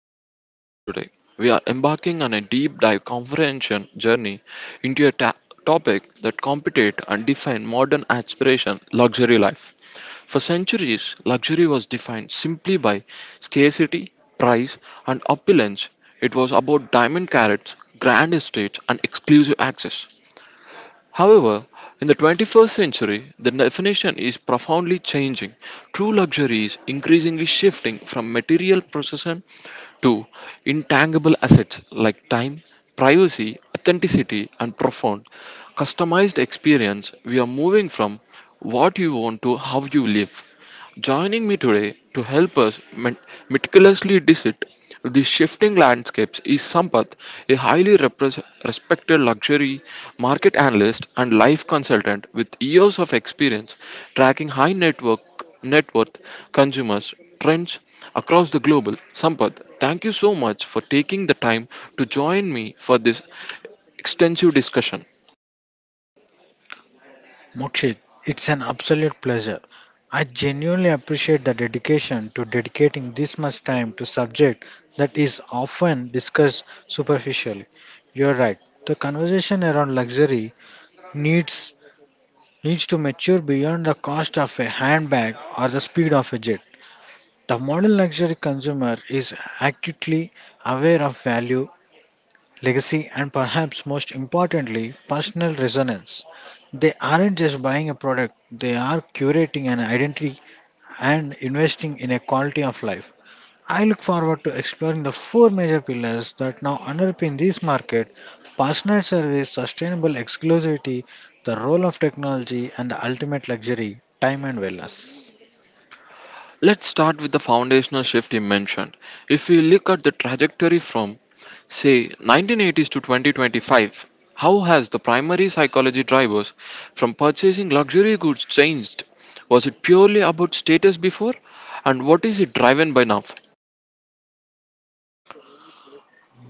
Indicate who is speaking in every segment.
Speaker 1: back to our listeners today. We are embarking on a deep dive comprehension journey into a topic that compete and define modern aspiration luxury life. For centuries, luxury was defined simply by scarcity, price, and opulence. It was about diamond carrots, grand estates, and exclusive access. However, in the 21st century, the definition is profoundly changing. True luxury is increasingly shifting from material possession to intangible assets like time, privacy, authenticity, and profound customized experience. We are moving from what you want to how you live. Joining me today to help us met- meticulously dissect these shifting landscapes is Sampath, a highly repres respected luxury market analyst and life consultant with years of experience tracking high net worth consumers trends across the global. Sampath, thank you so much for taking the time to join me for this extensive discussion.
Speaker 2: Mokshit, it's an absolute pleasure. I genuinely appreciate the dedication to dedicating this much time to subject that is often discussed superficially. You're right. The conversation around luxury needs needs to mature beyond the cost of a handbag or the speed of a jet. The modern luxury consumer is acutely aware of value legacy, and perhaps most importantly, personal resonance. They aren't just buying a product, they are curating an identity and investing in a quality of life. I look forward to exploring the four major pillars that now underpin this market personal service, sustainable exclusivity, the role of technology, and the ultimate luxury time and wellness.
Speaker 1: Let's start with the foundational shift you mentioned. If we look at the trajectory from, say, 1980s to 2025, how has the primary psychology drivers from purchasing luxury goods changed? Was it purely about status before? And what is it driven by now?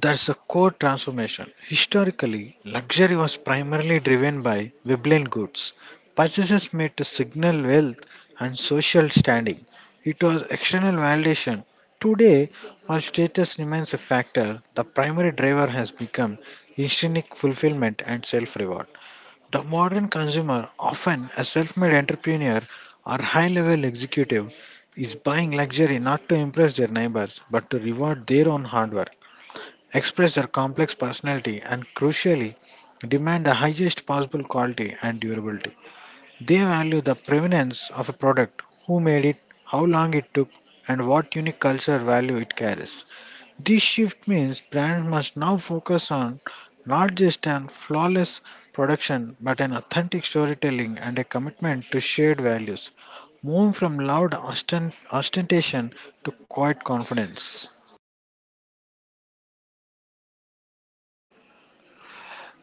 Speaker 2: That's the core transformation. Historically, luxury was primarily driven by Weblen goods, purchases made to signal wealth and social standing. It was external validation. Today, while status remains a factor, the primary driver has become intrinsic fulfillment and self reward. The modern consumer, often a self made entrepreneur or high level executive, is buying luxury not to impress their neighbors but to reward their own hard work express their complex personality, and crucially, demand the highest possible quality and durability. They value the provenance of a product, who made it, how long it took, and what unique cultural value it carries. This shift means brands must now focus on not just an flawless production but an authentic storytelling and a commitment to shared values, moving from ostentation to quiet confidence.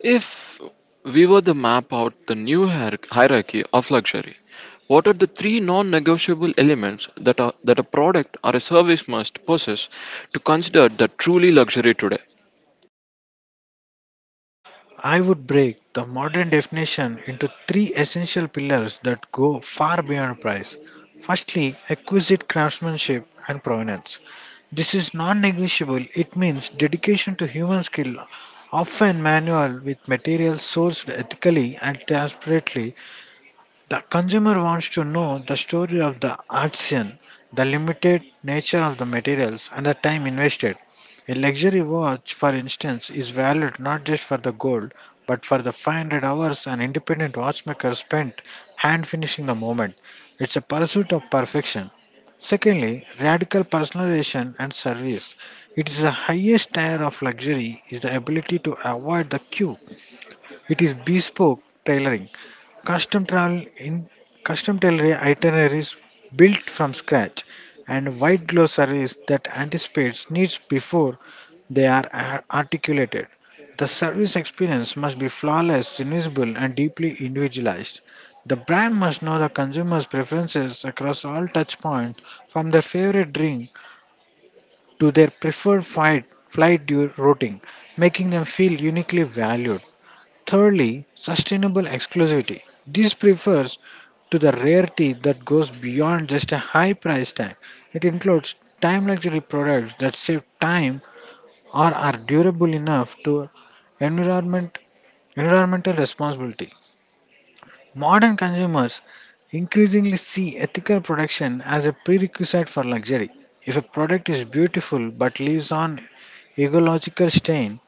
Speaker 1: If we were to map out the new hierarchy of luxury, what are the three non-negotiable elements that, that a product or a service must possess to consider that truly luxury today?
Speaker 2: I would break the modern definition into three essential pillars that go far beyond price. Firstly, exquisite craftsmanship and provenance. This is non negotiable, it means dedication to human skill, often manual, with materials sourced ethically and transparently the consumer wants to know the story of the artisan, the limited nature of the materials, and the time invested. A luxury watch, for instance, is valued not just for the gold, but for the 500 hours an independent watchmaker spent hand finishing the moment. It's a pursuit of perfection. Secondly, radical personalization and service. It is the highest tier of luxury is the ability to avoid the queue. It is bespoke tailoring. Custom travel in custom delivery itineraries built from scratch and white glove service that anticipates needs before articulated. The service experience must be flawless, invisible, and deeply individualized. The brand must know the consumer's preferences across all touch points, from their favorite drink to their preferred routing, making them feel uniquely valued. Thirdly, sustainable exclusivity. This refers to the rarity that goes beyond just a high price tag. It includes time luxury products that save time or are durable enough to environment environmental responsibility. Modern consumers increasingly see ethical production as a prerequisite for luxury. If a product is beautiful but leaves on ecological stain,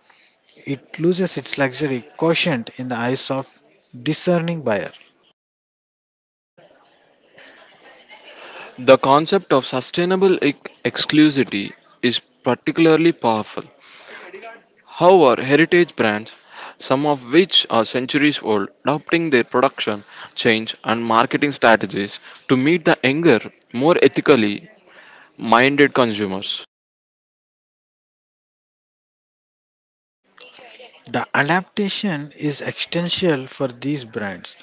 Speaker 2: it loses its luxury quotient in the eyes of discerning buyers.
Speaker 1: The concept of sustainable exclusivity is particularly powerful. However, heritage brands, some of which are centuries old, adopting their production, change, and marketing strategies to meet the younger, more ethically minded consumers.
Speaker 2: The adaptation is essential for these brands.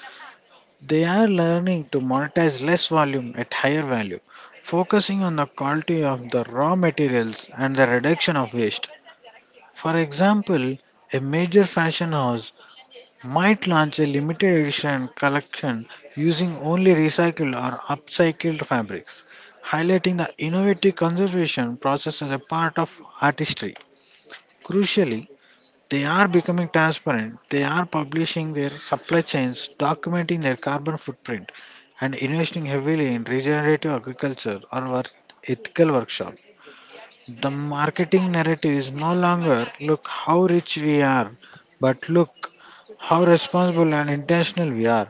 Speaker 2: They are learning to monetize less volume at higher value, focusing on the quality of the raw materials and the reduction of waste. For example, a major fashion house might launch a limited edition collection using only recycled or upcycled fabrics, highlighting the innovative conservation process as a part of artistry. Crucially, they are becoming transparent. They are publishing their supply chains, documenting their carbon footprint, and investing heavily in regenerative agriculture or ethical workshop. The marketing narrative is no longer look how rich we are, but look how responsible and intentional we are.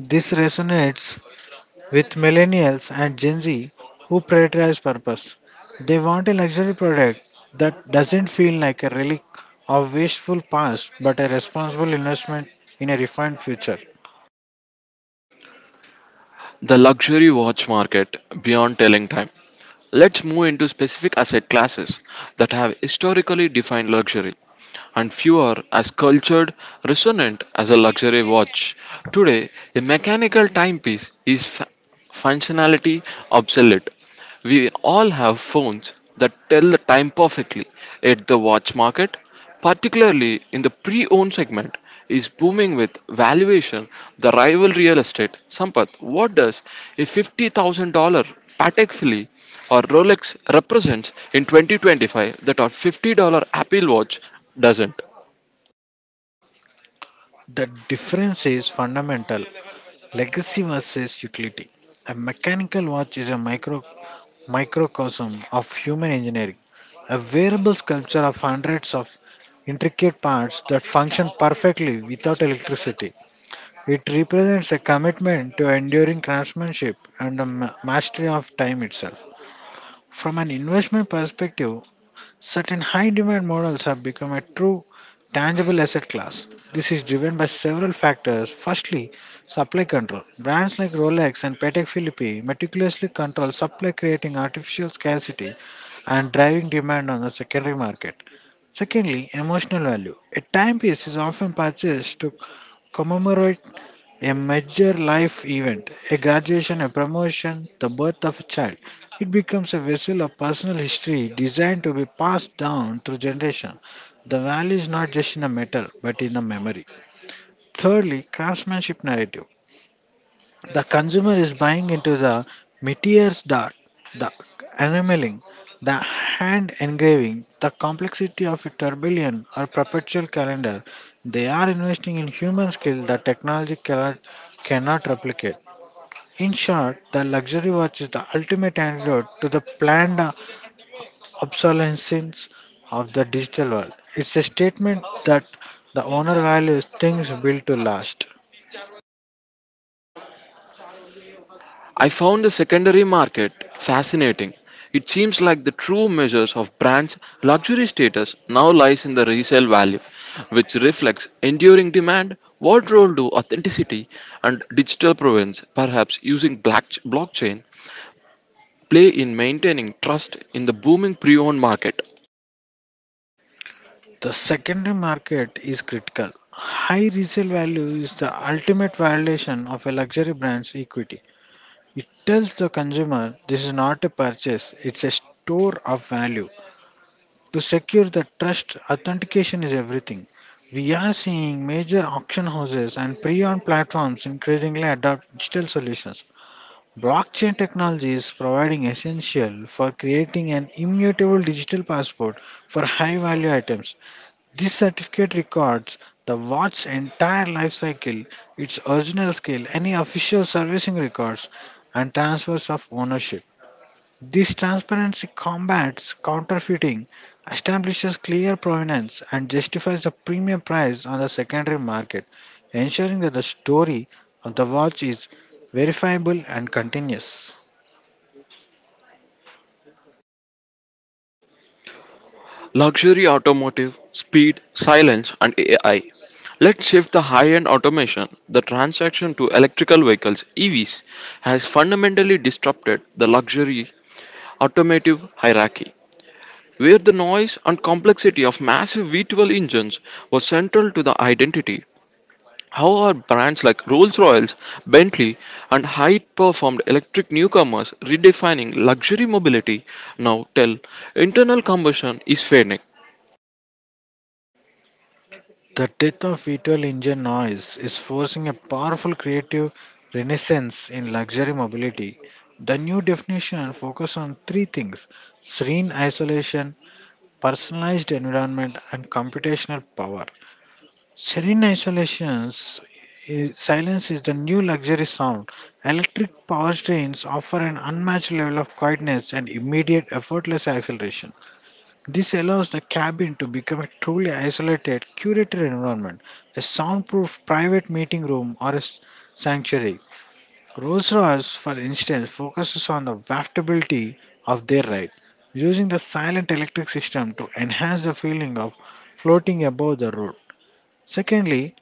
Speaker 2: This resonates with millennials and Gen Z who prioritize purpose. They want a luxury product that doesn't feel like a relic of wasteful past but a responsible investment in a refined future.
Speaker 1: The luxury watch market beyond telling time. Let's move into specific asset classes that have historically defined luxury, and few are as cultured, resonant as a luxury watch. Today, a mechanical timepiece is functionality obsolete. We all have phones that tell the time perfectly. At the watch market, particularly in the pre owned segment, is booming with valuation, the rival real estate. Sampath, what does a $50,000 Patek Philippe or Rolex represents in 2025 that our $50 Apple Watch doesn't?
Speaker 2: The difference is fundamental. Legacy versus utility. A mechanical watch is a microcosm of human engineering, a wearable sculpture of hundreds of intricate parts that function perfectly without electricity. It represents a commitment to enduring craftsmanship and the mastery of time itself. From an investment perspective, certain high demand models have become a true tangible asset class. This is driven by several factors. Firstly, supply control. Brands like Rolex and Patek Philippe meticulously control supply, creating artificial scarcity and driving demand on the secondary market. Secondly, emotional value. A timepiece is often purchased to commemorate a major life event, a graduation, a promotion, the birth of a child. It becomes a vessel of personal history designed to be passed down through generations. The value is not just in the metal, but in the memory. Thirdly, craftsmanship narrative. The consumer is buying into the meteor's dart, the enameling, the hand engraving, the complexity of a turbillion or perpetual calendar. They are investing in human skill that technology cannot replicate. In short, the luxury watch is the ultimate antidote to the planned obsolescence of the digital world. It's a statement that the owner values things built to last.
Speaker 1: I found the secondary market fascinating. It seems like the true measures of brands' luxury status now lies in the resale value, which reflects enduring demand. What role do authenticity and digital provenance, perhaps using blockchain, play in maintaining trust in the booming pre owned market?
Speaker 2: The secondary market is critical. High resale value is the ultimate validation of a luxury brand's equity. It tells the consumer this is not a purchase, it's a store of value. To secure the trust, authentication is everything. We are seeing major auction houses and pre-owned platforms increasingly adopt digital solutions. Blockchain technology is providing essential for creating an immutable digital passport for high-value items. This certificate records the watch's entire life cycle, its original scale, any official servicing records, and transfers of ownership. This transparency combats counterfeiting, establishes clear provenance, and justifies the premium price on the secondary market, ensuring that the story of the watch is verifiable and continuous.
Speaker 1: Luxury automotive, speed, silence, and AI. Let's shift the high end automation. The transaction to electrical vehicles, EVs, has fundamentally disrupted the luxury automotive hierarchy, where the noise and complexity of massive V12 engines was central to the identity. How are brands like Rolls-Royce, Bentley, and high-performed electric newcomers redefining luxury mobility now tell internal combustion is fading?
Speaker 2: The death of V12 engine noise is forcing a powerful creative renaissance in luxury mobility. The new definition focuses on three things serene isolation, personalized environment, and computational power. Serene isolation silence is the new luxury sound. Electric powertrains offer an unmatched level of quietness and immediate effortless acceleration. This allows the cabin to become a truly isolated, curated environment, a soundproof private meeting room or sanctuary. Rolls Royce, for instance, focuses on the waftability of their ride, using the silent electric system to enhance the feeling of floating above the road. Secondly,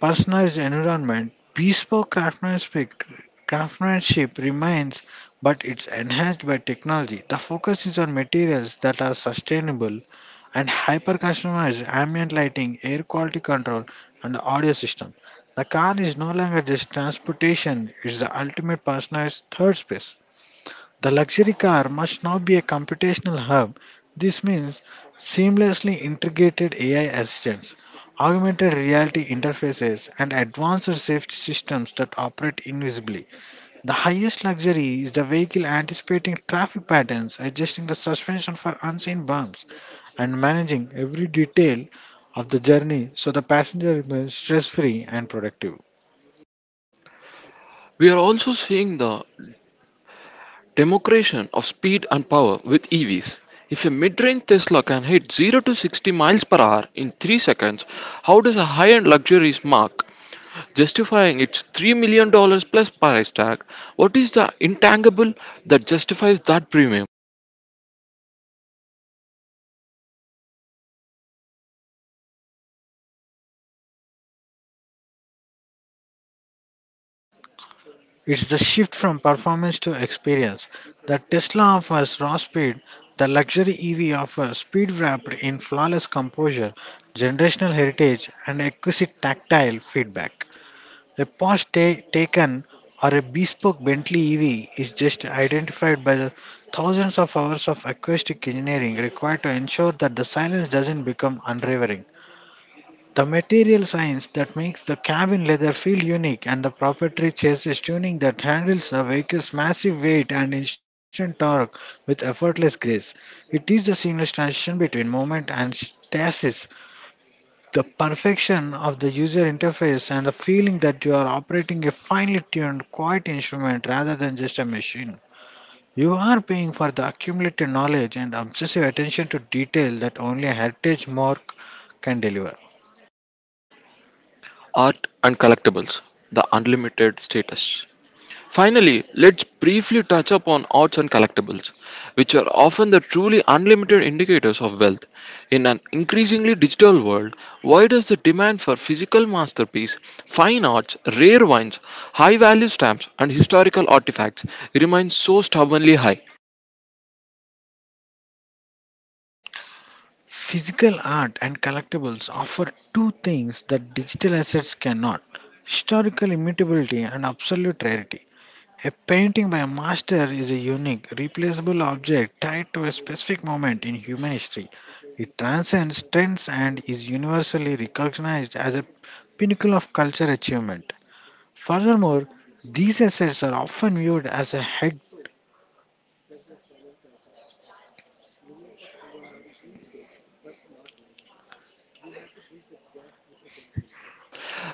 Speaker 2: personalized environment, bespoke craftsmanship remains, but it's enhanced by technology. The focus is on materials that are sustainable and hyper customized ambient lighting, air quality control, and audio system. The car is no longer just transportation, it's the ultimate personalized third space. The luxury car must now be a computational hub. This means seamlessly integrated AI assistants, augmented reality interfaces, and advanced safety systems that operate invisibly. The highest luxury is the vehicle anticipating traffic patterns, adjusting the suspension for unseen bumps and managing every detail of the journey so the passenger remains stress free and productive.
Speaker 1: We are also seeing the democration of speed and power with EVs. If a mid-range Tesla can hit 0 to 60 miles per hour in 3 seconds, how does a high-end luxury mark justifying its 3 million dollars plus price tag? What is the intangible that justifies that premium?
Speaker 2: It's the shift from performance to experience. The Tesla offers raw speed, the luxury EV offers speed wrapped in flawless composure, generational heritage, and exquisite tactile feedback. Taken or a bespoke Bentley EV is just identified by the thousands of hours of acoustic engineering required to ensure that the silence doesn't become unravering. The material science that makes the cabin leather feel unique and the proprietary chassis tuning that handles the vehicle's massive weight and instant torque with effortless grace. It is the seamless transition between movement and stasis, the perfection of the user interface and the feeling that you are operating a finely tuned, quiet instrument rather than just a machine. You are paying for the accumulated knowledge and obsessive attention to detail that only a heritage mark can deliver.
Speaker 1: Art and collectibles, the unlimited status. Finally, let's briefly touch upon arts and collectibles, which are often the truly unlimited indicators of wealth. In an increasingly digital world, why does the demand for physical masterpiece, fine arts, rare wines, high value stamps, and historical artifacts remain so stubbornly high?
Speaker 2: Physical art and collectibles offer two things that digital assets cannot historical immutability and absolute rarity. A painting by a master is a unique, replaceable object tied to a specific moment in human history. It transcends trends and is universally recognized as a pinnacle of culture achievement. Furthermore, these assets are often viewed as a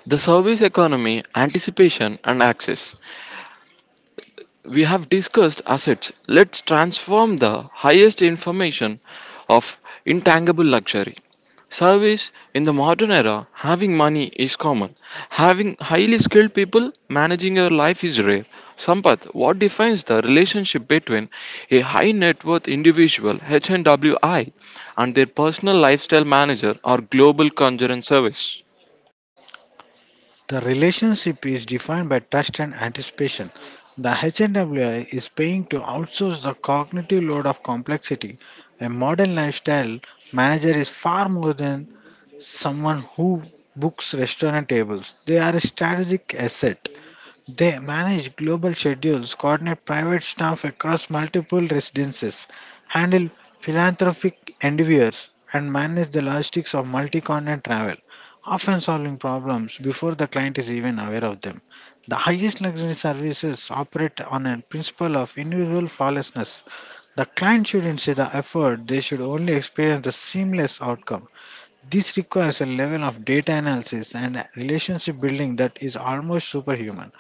Speaker 1: The service economy, anticipation, and access. We have discussed assets. Let's transform the highest information of intangible luxury. Service in the modern era, having money is common. Having highly skilled people managing your life is rare. Sampath, what defines the relationship between a high net worth individual HNWI and their personal lifestyle manager or global concern service?
Speaker 2: The relationship is defined by trust and anticipation. The HNWI is paying to outsource the cognitive load of complexity. A modern lifestyle manager is far more than someone who books restaurant tables. They are a strategic asset. They manage global schedules, coordinate private staff across multiple residences, handle philanthropic endeavors, and manage the logistics of multi continent travel, often solving problems before the client is even aware of them. The highest luxury services operate on a principle of individual flawlessness. The client shouldn't see the effort, they should only experience the seamless outcome. This requires a level of data analysis and relationship building that is almost superhuman.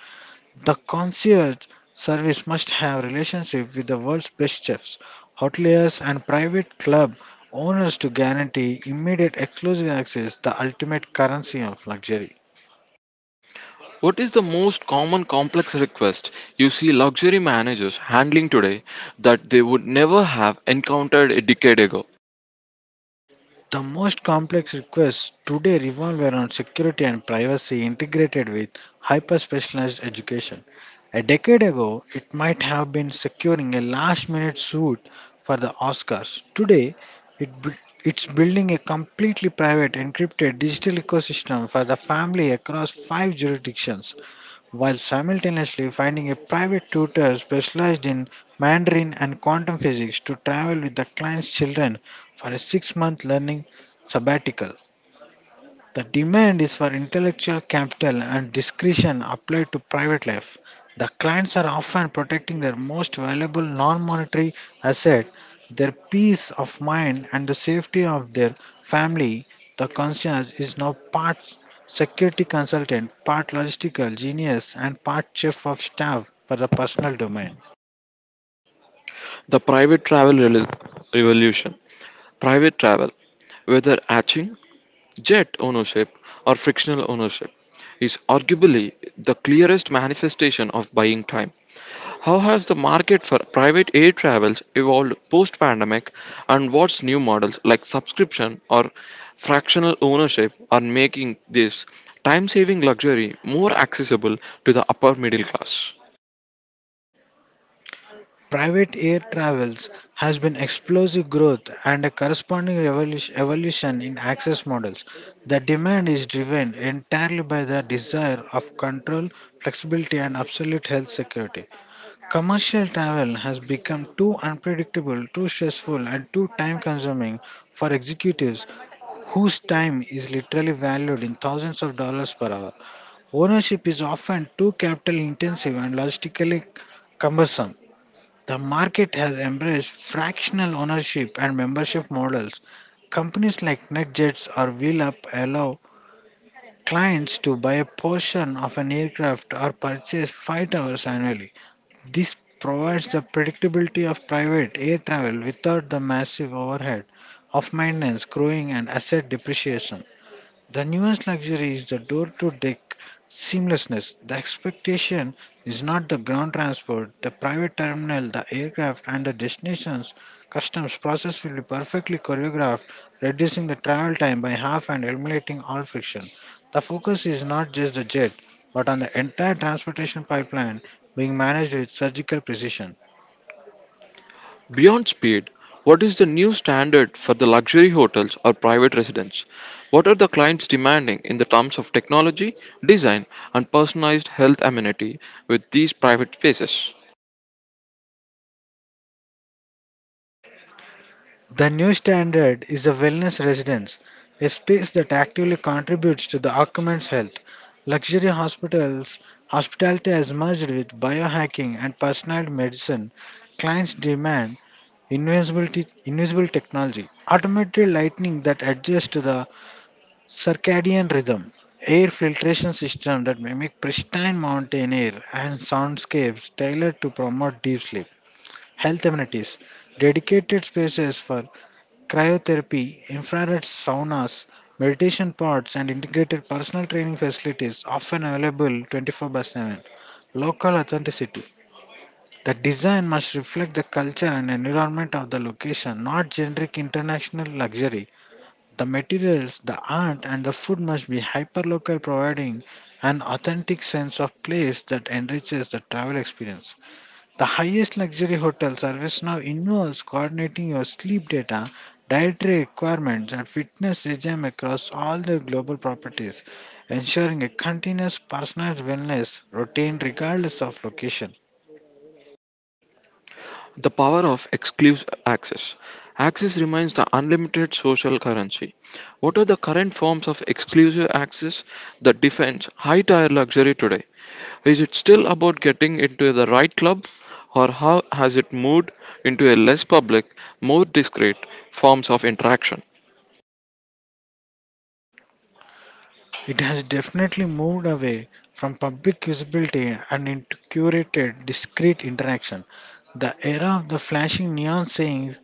Speaker 2: The concierge service must have relationship with the world's best chefs, hoteliers and private club owners to guarantee immediate exclusive access, the ultimate currency of luxury.
Speaker 1: What is the most common complex request you see luxury managers handling today that they would never have encountered a decade ago?
Speaker 2: The most complex requests today revolve around security and privacy integrated with hyper specialized education. A decade ago, it might have been securing a last minute suit for the Oscars. Today, it, bu- it's building a completely private, encrypted digital ecosystem for the family across five jurisdictions while simultaneously finding a private tutor specialized in Mandarin and quantum physics to travel with the client's children for a 6-month learning sabbatical. The demand is for intellectual capital and discretion applied to private life. The clients are often protecting their most valuable non monetary asset, their peace of mind, and the safety of their family. The concierge is now part security consultant, part logistical genius, and part chief of staff for the personal domain.
Speaker 1: The private travel revolution. Private travel, whether hatching Jet ownership or frictional ownership is arguably the clearest manifestation of buying time. How has the market for private air travels evolved post pandemic, and what's new models like subscription or fractional ownership are making this time saving luxury more accessible to the upper middle class?
Speaker 2: Private air travels has been explosive growth and a corresponding evolution in access models. The demand is driven entirely by the desire of control, flexibility, and absolute health security. Commercial travel has become too unpredictable, too stressful, and too time consuming for executives whose time is literally valued in thousands of dollars per hour. Ownership is often too capital intensive and logistically cumbersome. The market has embraced fractional ownership and membership models. Companies like NetJets or WheelUp allow clients to buy a portion of an aircraft or purchase flight hours annually. This provides the predictability of private air travel without the massive overhead of maintenance, crewing, and asset depreciation. The newest luxury is the door to deck seamlessness. The expectation is not the ground transport, the private terminal, the aircraft, and the destinations. Customs process will be perfectly choreographed, reducing the travel time by half and eliminating all friction. The focus is not just the jet, but on the entire transportation pipeline being managed with surgical precision.
Speaker 1: Beyond speed, what is the new standard for the luxury hotels or private residents? What are the clients demanding in the terms of technology, design, and personalized health amenity with these private spaces?
Speaker 2: The new standard is a wellness residence, a space that actively contributes to the occupant's health. Luxury hospitality has merged with biohacking and personalized medicine. Clients demand invisibility, invisible technology, automated lighting that adjusts to the circadian rhythm, air filtration system that mimic pristine mountain air, and soundscapes tailored to promote deep sleep health amenities, dedicated spaces for cryotherapy, infrared saunas, meditation pods, and integrated personal training facilities often available 24 by 7. Local authenticity. The design must reflect the culture and environment of the location, not generic international luxury. The materials, the art, and the food must be hyperlocal, providing an authentic sense of place that enriches the travel experience. The highest luxury hotel service now involves coordinating your sleep data, dietary requirements, and fitness regime across all their global properties, ensuring a continuous personalized wellness routine regardless of location.
Speaker 1: The power of exclusive access. Access remains the unlimited social currency. What are the current forms of exclusive access that defines high tier luxury today? Is it still about getting into the right club, or how has it moved into a less public, more discreet forms of interaction?
Speaker 2: It has definitely moved away from public visibility and into curated, discreet interaction. The era of the flashing neon sayings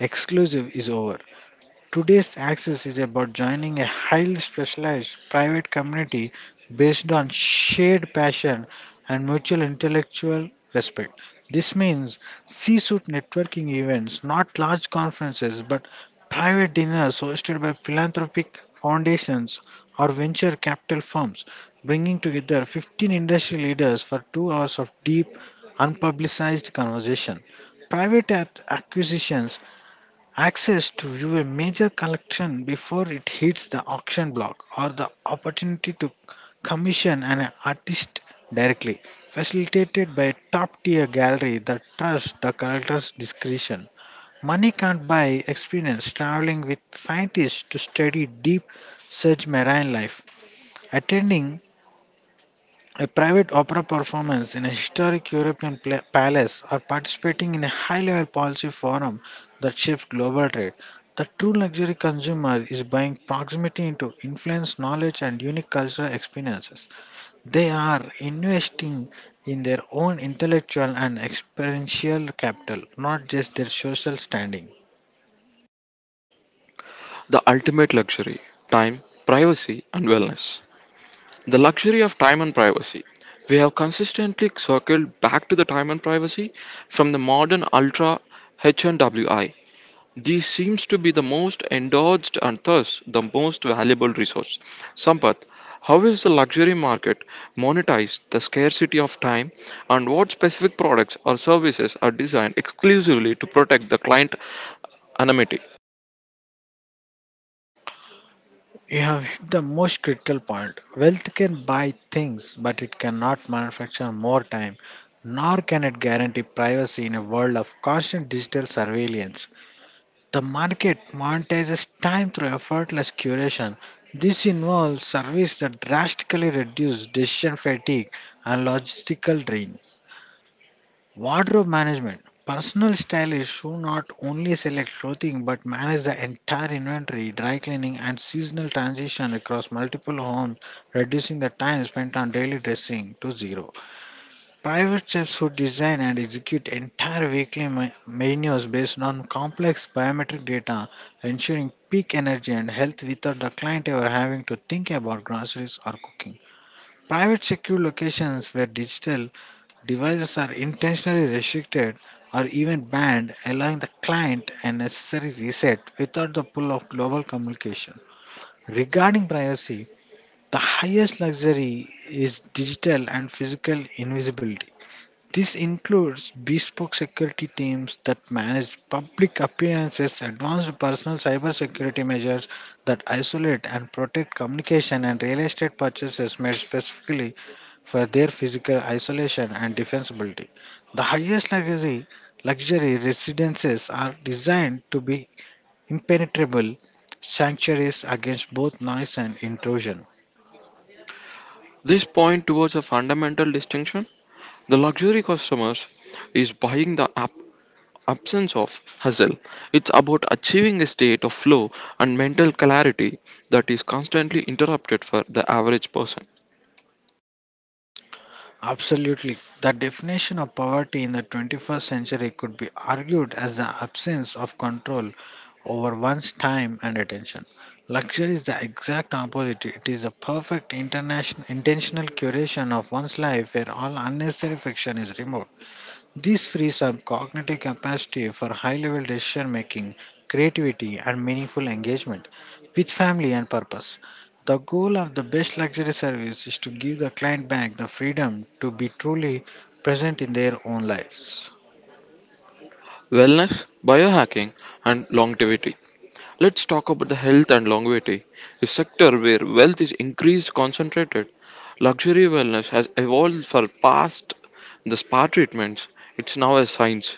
Speaker 2: exclusive is over. Today's access is about joining a highly specialized private community based on shared passion and mutual intellectual respect. This means C suite networking events, not large conferences, but private dinners hosted by philanthropic foundations or venture capital firms, bringing together 15 industry leaders for 2 hours of deep, unpublicized conversation. Private acquisitions access to view a major collection before it hits the auction block or the opportunity to commission an artist directly, facilitated by a top tier gallery that trusts the collector's discretion. Money can't buy experience traveling with scientists to study deep search marine life, attending a private opera performance in a historic European palace, or participating in a high level policy forum that shapes global trade. The true luxury consumer is buying proximity into influence, knowledge, and unique cultural experiences. They are investing in their own intellectual and experiential capital, not just their social standing.
Speaker 1: The ultimate luxury time, privacy, and wellness. The luxury of time and privacy. We have consistently circled back to the time and privacy from the modern ultra H&WI. This seems to be the most endorsed and thus the most valuable resource. Sampath, how is the luxury market monetized the scarcity of time and what specific products or services are designed exclusively to protect the client anonymity?
Speaker 2: You have hit the most critical point. Wealth can buy things, but it cannot manufacture more time, nor can it guarantee privacy in a world of constant digital surveillance. The market monetizes time through effortless curation. This involves services that drastically reduce decision fatigue and logistical drain. Wardrobe management. Personal stylists should not only select clothing but manage the entire inventory, dry cleaning, and seasonal transition across multiple homes, reducing the time spent on daily dressing to zero. Private chefs who design and execute entire weekly menus based on complex biometric data, ensuring peak energy and health without the client ever having to think about groceries or cooking. Private secure locations where digital devices are intentionally restricted or even banned, allowing the client a necessary reset without the pull of global communication. Regarding privacy, the highest luxury is digital and physical invisibility. This includes bespoke security teams that manage public appearances, advanced personal cybersecurity measures that isolate and protect communication, and real estate purchases made specifically for their physical isolation and defensibility. The highest luxury residences are designed to be impenetrable sanctuaries against both noise and intrusion.
Speaker 1: This point towards a fundamental distinction the luxury customers is buying the absence of hustle. It's about achieving a state of flow and mental clarity that is constantly interrupted for the average person.
Speaker 2: Absolutely. The definition of poverty in the 21st century could be argued as the absence of control over one's time and attention. Luxury is the exact opposite. It is the perfect international, intentional curation of one's life where all unnecessary friction is removed. This frees up cognitive capacity for high level decision making, creativity, and meaningful engagement with family and purpose. The goal of the best luxury service is to give the client back the freedom to be truly present in their own lives.
Speaker 1: Wellness, biohacking, and longevity. Let's talk about the health and longevity, a sector where wealth is increased concentrated. Luxury wellness has evolved for past the spa treatments. It's now a science.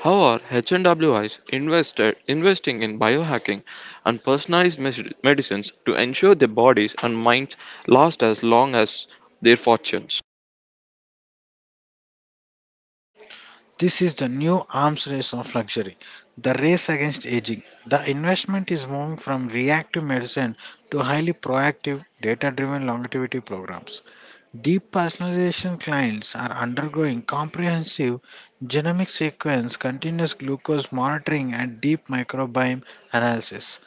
Speaker 1: However, are H&Ws investing in biohacking and personalized medicines to ensure their bodies and minds last as long as their fortunes?
Speaker 2: This is the new arms race of luxury, the race against aging. The investment is moving from reactive medicine to highly proactive, data driven longevity programs. Deep personalization clients are undergoing comprehensive genomic sequence, continuous glucose monitoring, and deep microbiome analysis.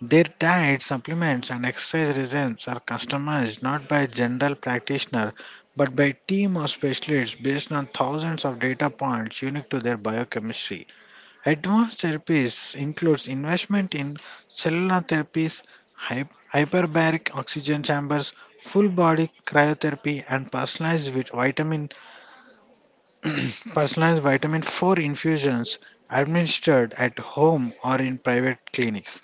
Speaker 2: Their diet, supplements, and exercise regimes are customized not by general practitioner but by team of specialists based on thousands of data points unique to their biochemistry. Advanced therapies includes investment in cellular therapies, hyperbaric oxygen chambers, full body cryotherapy, and personalized vitamin personalized vitamin 4 infusions administered at home or in private clinics.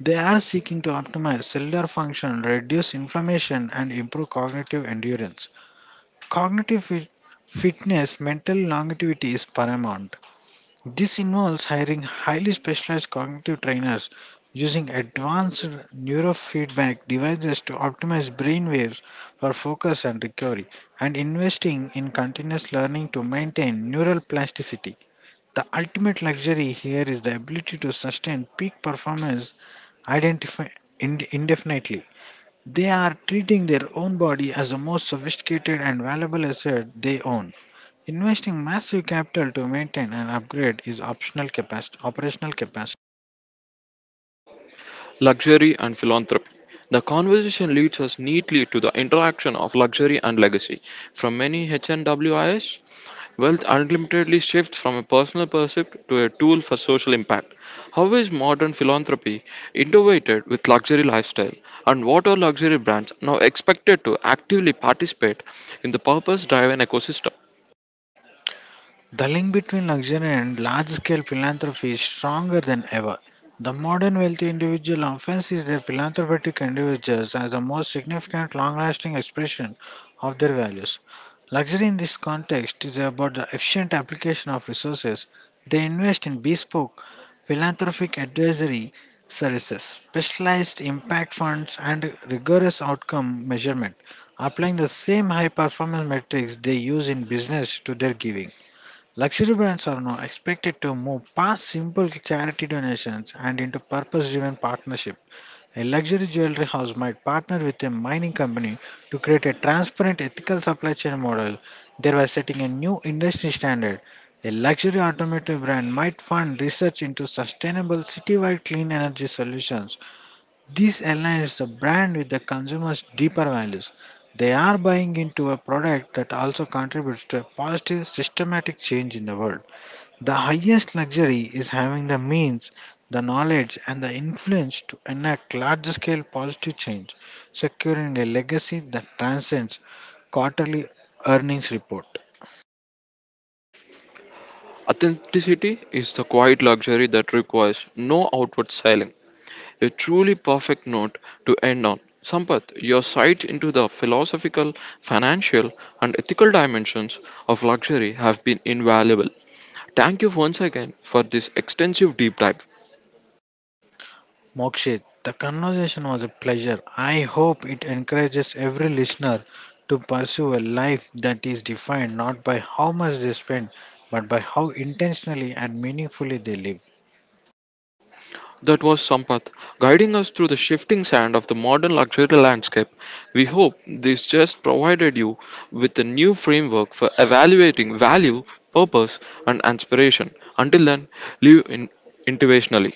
Speaker 2: They are seeking to optimize cellular function, reduce inflammation, and improve cognitive endurance. Cognitive fitness, mental longevity is paramount. This involves hiring highly specialized cognitive trainers using advanced neurofeedback devices to optimize brain waves for focus and recovery, and investing in continuous learning to maintain neural plasticity. The ultimate luxury here is the ability to sustain peak performance identify, indefinitely. They are treating their own body as the most sophisticated and valuable asset they own. Investing massive capital to maintain and upgrade is optional capacity, operational capacity.
Speaker 1: Luxury and philanthropy. The conversation leads us neatly to the interaction of luxury and legacy. From many HNWIS, wealth unlimitedly shifts from a personal pursuit to a tool for social impact. How is modern philanthropy integrated with luxury lifestyle, and what are luxury brands now expected to actively participate in the purpose-driven ecosystem?
Speaker 2: The link between luxury and large scale philanthropy is stronger than ever. The modern wealthy individual often sees their philanthropic endeavors as the most significant long lasting expression of their values. Luxury in this context is about the efficient application of resources. They invest in bespoke philanthropic advisory services, specialized impact funds, and rigorous outcome measurement, applying the same high performance metrics they use in business to their giving. Luxury brands are now expected to move past simple charity donations and into purpose driven partnership. A luxury jewelry house might partner with a mining company to create a transparent ethical supply chain model, thereby setting a new industry standard. A luxury automotive brand might fund research into sustainable citywide clean energy solutions. This aligns the brand with the consumer's deeper values. They are buying into a product that also contributes to a positive systematic change in the world. The highest luxury is having the means, the knowledge, and the influence to enact large scale positive change, securing a legacy that transcends quarterly earnings report.
Speaker 1: Authenticity is the quiet luxury that requires no outward selling. A truly perfect note to end on. Sampath, your sight into the philosophical, financial, and ethical dimensions of luxury have been invaluable. Thank you once again for this extensive deep dive.
Speaker 2: Mokshit, the conversation was a pleasure. I hope it encourages every listener to pursue a life that is defined not by how much they spend, but by how intentionally and meaningfully they live.
Speaker 1: That was Sampath guiding us through the shifting sand of the modern luxury landscape. We hope this just provided you with a new framework for evaluating value, purpose, and inspiration. Until then, live in intuitionally.